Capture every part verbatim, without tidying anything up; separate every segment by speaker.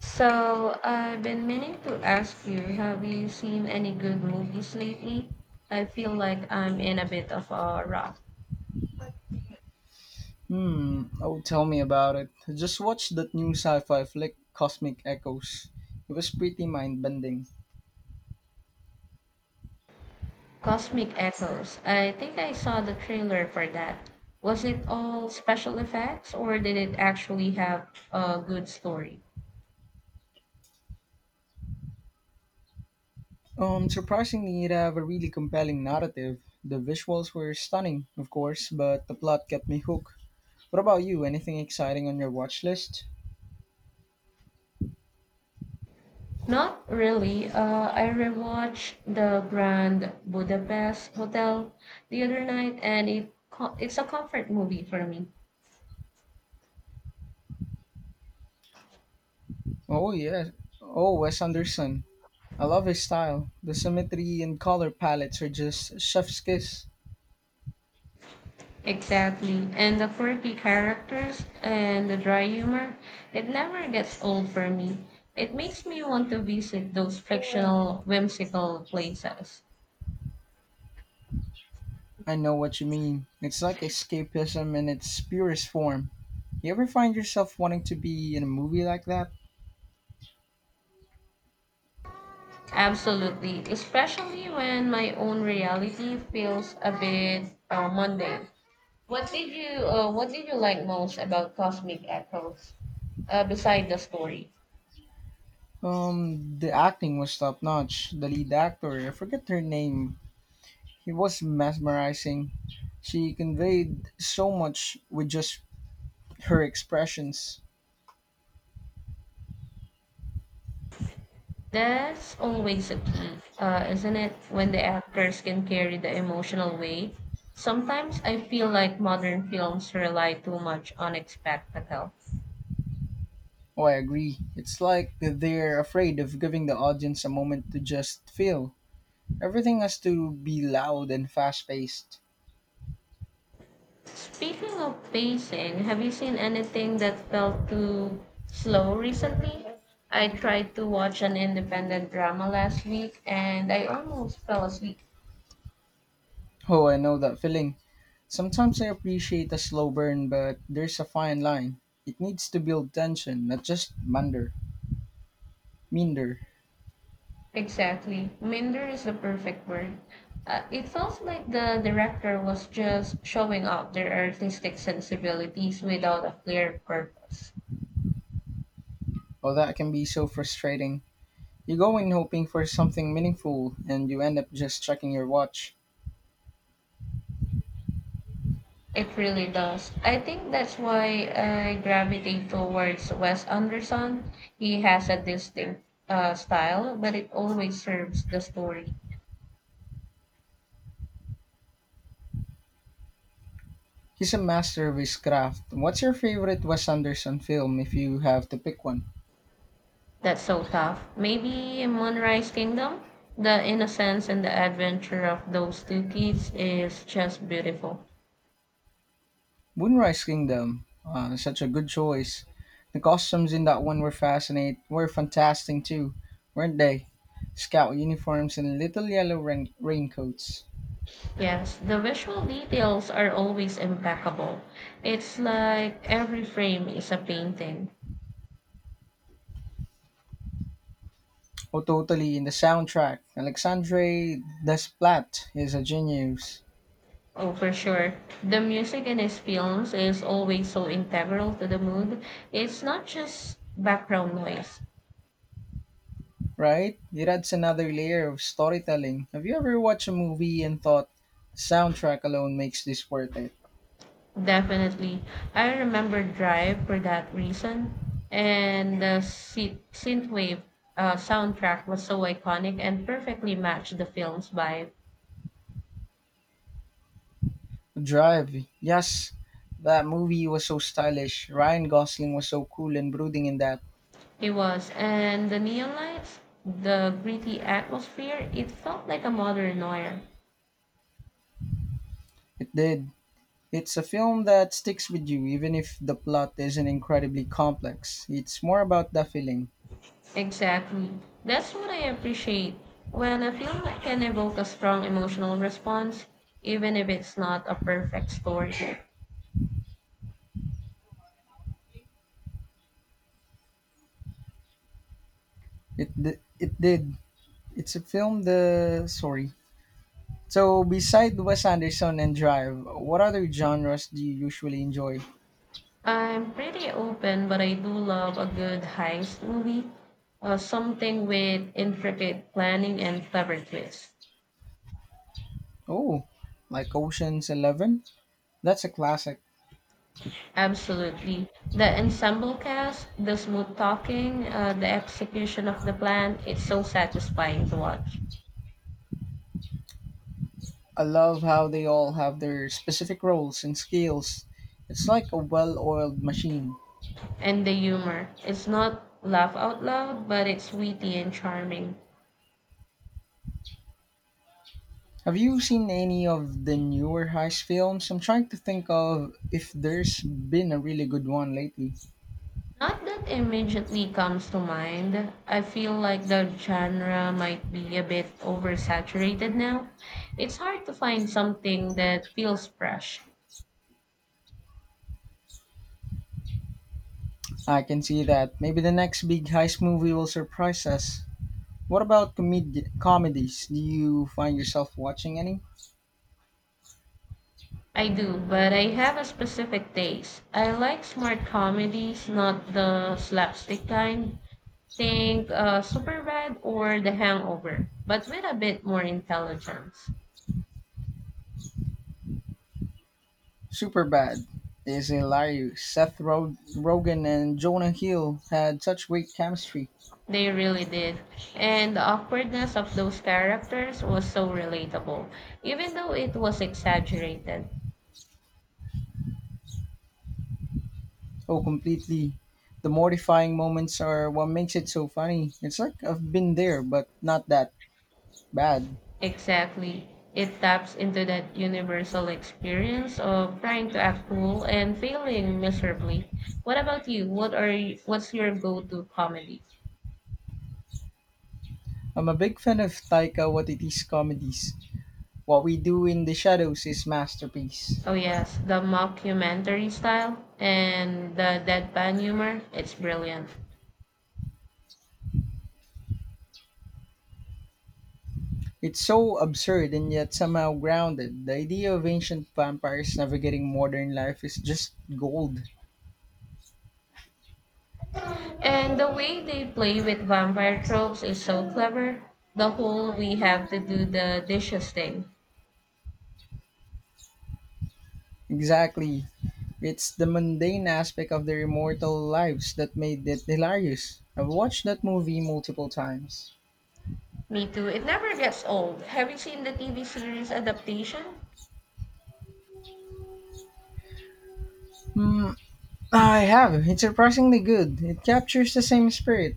Speaker 1: So, I've been meaning to ask you, have you seen any good movies lately? I feel like I'm in a bit of a rut.
Speaker 2: Hmm, oh, tell me about it. I just watched that new sci fi flick, Cosmic Echoes. It was pretty mind bending.
Speaker 1: Cosmic Echoes. I think I saw the trailer for that. Was it all special effects or did it actually have a good story?
Speaker 2: Um, surprisingly, it had a really compelling narrative. The visuals were stunning, of course, but the plot kept me hooked. What about you? Anything exciting on your watch list?
Speaker 1: Not really. Uh, I rewatched the Grand Budapest Hotel the other night and it co- it's a comfort movie for me.
Speaker 2: Oh, yeah. Oh, Wes Anderson. I love his style. The symmetry and color palettes are just chef's kiss.
Speaker 1: Exactly. And the quirky characters and the dry humor, it never gets old for me. It makes me want to visit those fictional, whimsical places.
Speaker 2: I know what you mean. It's like escapism in its purest form. You ever find yourself wanting to be in a movie like that?
Speaker 1: Absolutely. Especially when my own reality feels a bit uh, mundane. What did you uh, What did you like most about Cosmic Echoes, uh, beside the story?
Speaker 2: Um, the acting was top notch. The lead actor, I forget her name, it was mesmerizing. She conveyed so much with just her expressions.
Speaker 1: That's always a key, uh, isn't it? When the actors can carry the emotional weight. Sometimes I feel like modern films rely too much on spectacle.
Speaker 2: Oh, I agree. It's like that they're afraid of giving the audience a moment to just feel. Everything has to be loud and fast paced.
Speaker 1: Speaking of pacing, have you seen anything that felt too slow recently? I tried to watch an independent drama last week and I almost fell asleep.
Speaker 2: Oh, I know that feeling. Sometimes I appreciate a slow burn, but there's a fine line. It needs to build tension, not just munder. Minder,
Speaker 1: Exactly. Minder is the perfect word. Uh, it felt like the director was just showing off their artistic sensibilities without a clear purpose.
Speaker 2: oh, that can be so frustrating. You go in hoping for something meaningful, and you end up just checking your watch.
Speaker 1: It really does. I think that's why I gravitate towards Wes Anderson. He has a distinct uh, style, but it always serves the story.
Speaker 2: He's a master of his craft. What's your favorite Wes Anderson film if you have to pick one?
Speaker 1: That's so tough. Maybe Moonrise Kingdom? The innocence and the adventure of those two kids is just beautiful.
Speaker 2: Moonrise Kingdom. Uh, such a good choice. The costumes in that one were fascinate were fantastic too, weren't they? Scout uniforms and little yellow rain- raincoats.
Speaker 1: Yes, the visual details are always impeccable. It's like every frame is a painting.
Speaker 2: Oh, totally. In the soundtrack, Alexandre Desplat is a genius.
Speaker 1: Oh, for sure. The music in his films is always so integral to the mood. It's not just background noise.
Speaker 2: Right? It adds another layer of storytelling. Have you ever watched a movie and thought, soundtrack alone makes this worth it?
Speaker 1: Definitely. I remember Drive for that reason. And the synth- synthwave uh, soundtrack was so iconic and perfectly matched the film's vibe.
Speaker 2: Drive, yes. That movie was so stylish. Ryan Gosling was so cool and brooding in that.
Speaker 1: It was, and the neon lights, the gritty atmosphere, it felt like a modern noir.
Speaker 2: It did. It's a film that sticks with you, even if the plot isn't incredibly complex. It's more about the feeling.
Speaker 1: Exactly. That's what I appreciate. When a film can evoke a strong emotional response, even if it's not a perfect story.
Speaker 2: It di- it did. It's a film. The sorry. So, beside Wes Anderson and Drive, what other genres do you usually enjoy?
Speaker 1: I'm pretty open, but I do love a good heist movie, uh, something with intricate planning and clever twists.
Speaker 2: Oh, like Ocean's Eleven? That's a classic.
Speaker 1: Absolutely. The ensemble cast, the smooth talking, uh, the execution of the plan, it's so satisfying to watch.
Speaker 2: I love how they all have their specific roles and skills. It's like a well oiled machine.
Speaker 1: And the humor, it's not laugh out loud, but it's witty and charming.
Speaker 2: Have you seen any of the newer heist films? I'm trying to think of if there's been a really good one lately.
Speaker 1: Not that immediately comes to mind. I feel like the genre might be a bit oversaturated now. It's hard to find something that feels fresh.
Speaker 2: I can see that. Maybe the next big heist movie will surprise us. What about comed- comedies? Do you find yourself watching any?
Speaker 1: I do, but I have a specific taste. I like smart comedies, not the slapstick kind. Think uh, Superbad or The Hangover, but with a bit more intelligence.
Speaker 2: Superbad is hilarious. Seth Rog- Rogen and Jonah Hill had such great chemistry.
Speaker 1: They really did. And the awkwardness of those characters was so relatable, even though it was exaggerated.
Speaker 2: Oh, completely. The mortifying moments are what makes it so funny. It's like I've been there, but not that bad.
Speaker 1: Exactly. It taps into that universal experience of trying to act cool and failing miserably. What about you? What are you, what's your go-to comedy?
Speaker 2: I'm a big fan of Taika Waititi's comedies. What We Do in the Shadows is masterpiece.
Speaker 1: Oh yes, the mockumentary style and the deadpan humor. It's brilliant.
Speaker 2: It's so absurd and yet somehow grounded. The idea of ancient vampires navigating modern life is just gold.
Speaker 1: And the way they play with vampire tropes is so clever. The whole we have to do the dishes thing.
Speaker 2: Exactly. It's the mundane aspect of their immortal lives that made it hilarious. I've watched that movie multiple times.
Speaker 1: Me too. It never gets old. Have you seen the T V series adaptation?
Speaker 2: Hmm, I have. It's surprisingly good. It captures the same spirit.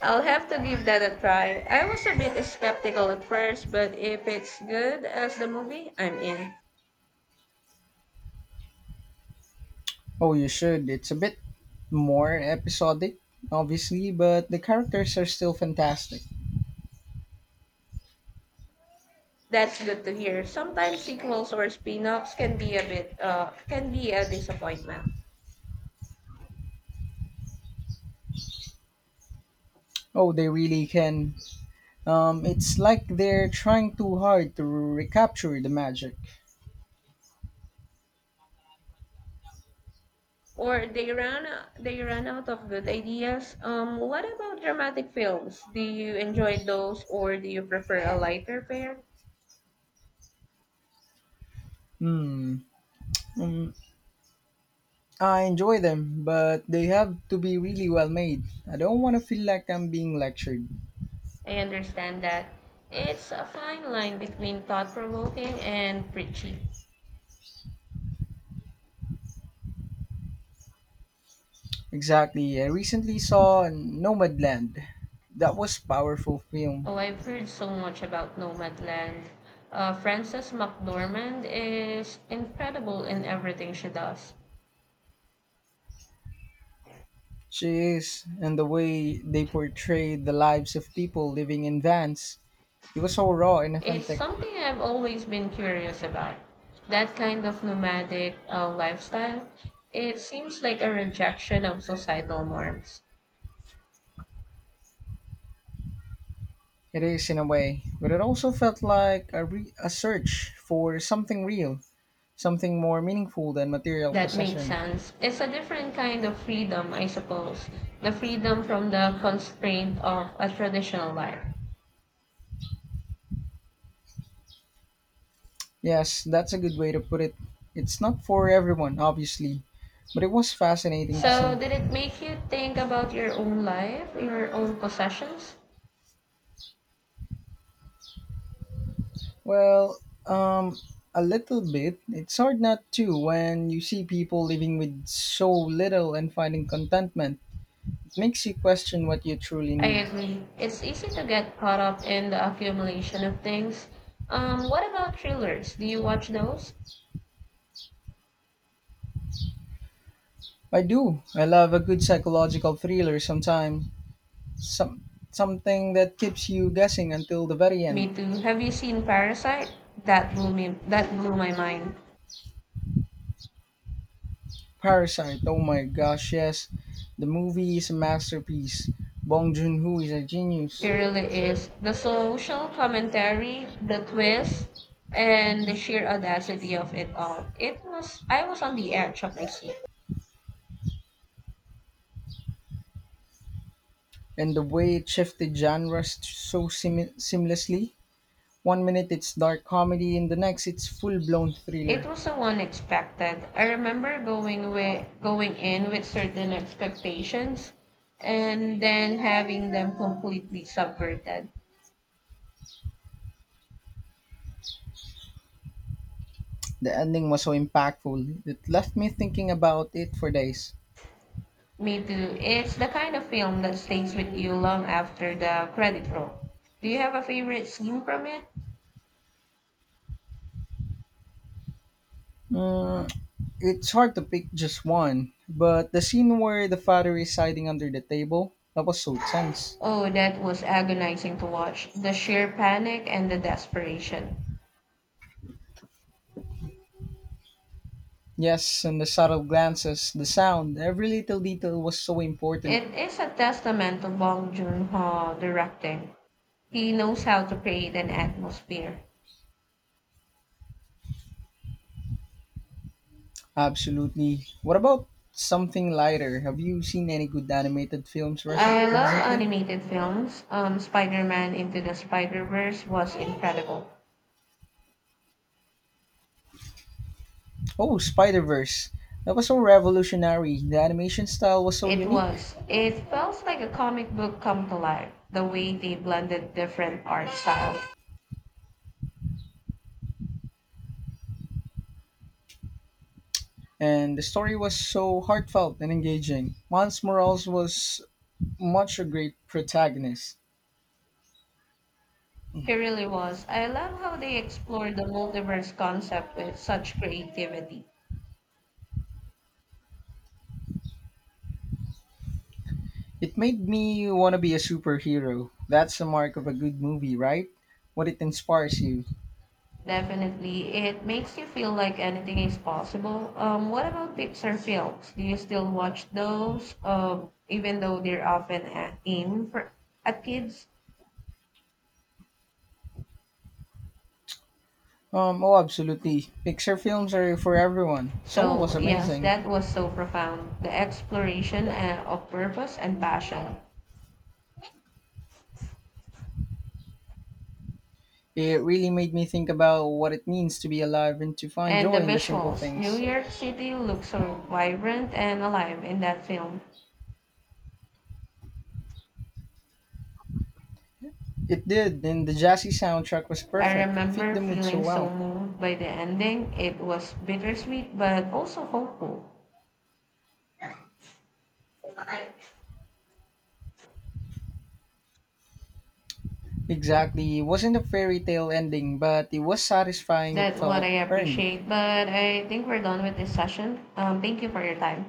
Speaker 1: I'll have to give that a try. I was a bit skeptical at first, but if it's good as the movie, I'm in.
Speaker 2: Oh, you should. It's a bit more episodic, obviously, but the characters are still fantastic.
Speaker 1: That's good to hear. Sometimes sequels or spin-offs can be a bit uh can be a disappointment.
Speaker 2: Oh, they really can. Um, it's like they're trying too hard to recapture the magic.
Speaker 1: Or they run They run out of good ideas. Um what about dramatic films? Do you enjoy those or do you prefer a lighter fare?
Speaker 2: Hmm. Um, I enjoy them, but they have to be really well made. I don't want to feel like I'm being lectured.
Speaker 1: I understand that it's a fine line between thought-provoking and preachy.
Speaker 2: Exactly. I recently saw Nomadland. That was powerful film.
Speaker 1: Oh, I've heard so much about Nomadland. Uh, Frances McDormand is incredible in everything she does.
Speaker 2: She is, and the way they portrayed the lives of people living in vans. It was so raw and
Speaker 1: It's
Speaker 2: authentic.
Speaker 1: something I've always been curious about. That kind of nomadic uh, lifestyle, it seems like a rejection of societal norms.
Speaker 2: It is in a way, but it also felt like a, re- a search for something real, something more meaningful than material
Speaker 1: That makes
Speaker 2: possession.
Speaker 1: sense. It's a different kind of freedom, I suppose. The freedom from the constraint of a traditional life.
Speaker 2: Yes, that's a good way to put it. It's not for everyone, obviously, but it was fascinating to
Speaker 1: So,
Speaker 2: see.
Speaker 1: did it make you think about your own life, your own possessions?
Speaker 2: Well, um, a little bit. It's hard not to when you see people living with so little and finding contentment. It makes you question what you truly
Speaker 1: I
Speaker 2: need.
Speaker 1: agree. It's easy to get caught up in the accumulation of things. Um, what about thrillers? Do you watch those?
Speaker 2: I do. I love a good psychological thriller sometimes. Some Something that keeps you guessing until the very
Speaker 1: Me
Speaker 2: end.
Speaker 1: too. Have you seen Parasite? That blew me. That blew my mind.
Speaker 2: Parasite. Oh my gosh, yes. The movie is a masterpiece. Bong Joon-ho is a
Speaker 1: It
Speaker 2: genius.
Speaker 1: really is. The social commentary, the twist, and the sheer audacity of it all. It was. I was on the edge of my seat.
Speaker 2: And the way it shifted genres so seam- seamlessly. One minute it's dark comedy, and the next it's full blown
Speaker 1: It
Speaker 2: thriller.
Speaker 1: was so unexpected. I remember going with, going in with certain expectations and then having them completely subverted.
Speaker 2: The ending was so impactful, it left me thinking about it for days.
Speaker 1: Me too. It's the kind of film that stays with you long after the credit roll. Do you have a favorite scene from it?
Speaker 2: Mm, it's hard to pick just one, but the scene where the father is hiding under the table, that was so tense.
Speaker 1: Oh, that was agonizing to watch. The sheer panic and the desperation.
Speaker 2: Yes, and the subtle glances, the sound, every little detail was so important.
Speaker 1: It is a testament to Bong Joon-ho directing. He knows how to create an atmosphere.
Speaker 2: Absolutely. What about something lighter? Have you seen any good animated films recent-
Speaker 1: I love
Speaker 2: recently?
Speaker 1: animated films. Um, Spider Man Into the Spider Verse was incredible.
Speaker 2: Oh, Spider Verse. That was so revolutionary. The animation style was so
Speaker 1: It
Speaker 2: unique,
Speaker 1: was. It felt like a comic book come to life, the way they blended different art styles.
Speaker 2: and the story was so heartfelt and engaging. Miles Morales was much a great protagonist.
Speaker 1: It really was. I love how they explored the multiverse concept with such creativity.
Speaker 2: It made me want to be a superhero. That's the mark of a good movie, right? What it inspires you.
Speaker 1: Definitely, it makes you feel like anything is possible. Um, what about Pixar films? Do you still watch those? Um, even though they're often a- aimed for at kids?
Speaker 2: Um, oh, absolutely. Pixar films are for everyone. Soul was
Speaker 1: So, yes,
Speaker 2: amazing.
Speaker 1: that was so profound. The exploration uh, of purpose and passion.
Speaker 2: It really made me think about what it means to be alive and to find
Speaker 1: And the
Speaker 2: joy in the simple
Speaker 1: visuals. New
Speaker 2: things.
Speaker 1: York City looks so vibrant and alive in that film.
Speaker 2: It did, and the jazzy soundtrack was
Speaker 1: I
Speaker 2: perfect. It fit
Speaker 1: remember
Speaker 2: the mood so
Speaker 1: feeling so
Speaker 2: well.
Speaker 1: moved by the ending. It was bittersweet but also hopeful.
Speaker 2: Exactly. It wasn't a fairy tale ending, but it was satisfying. It
Speaker 1: That's what
Speaker 2: felt
Speaker 1: I
Speaker 2: earned.
Speaker 1: appreciate. But I think we're done with this session. Um, thank you for your time.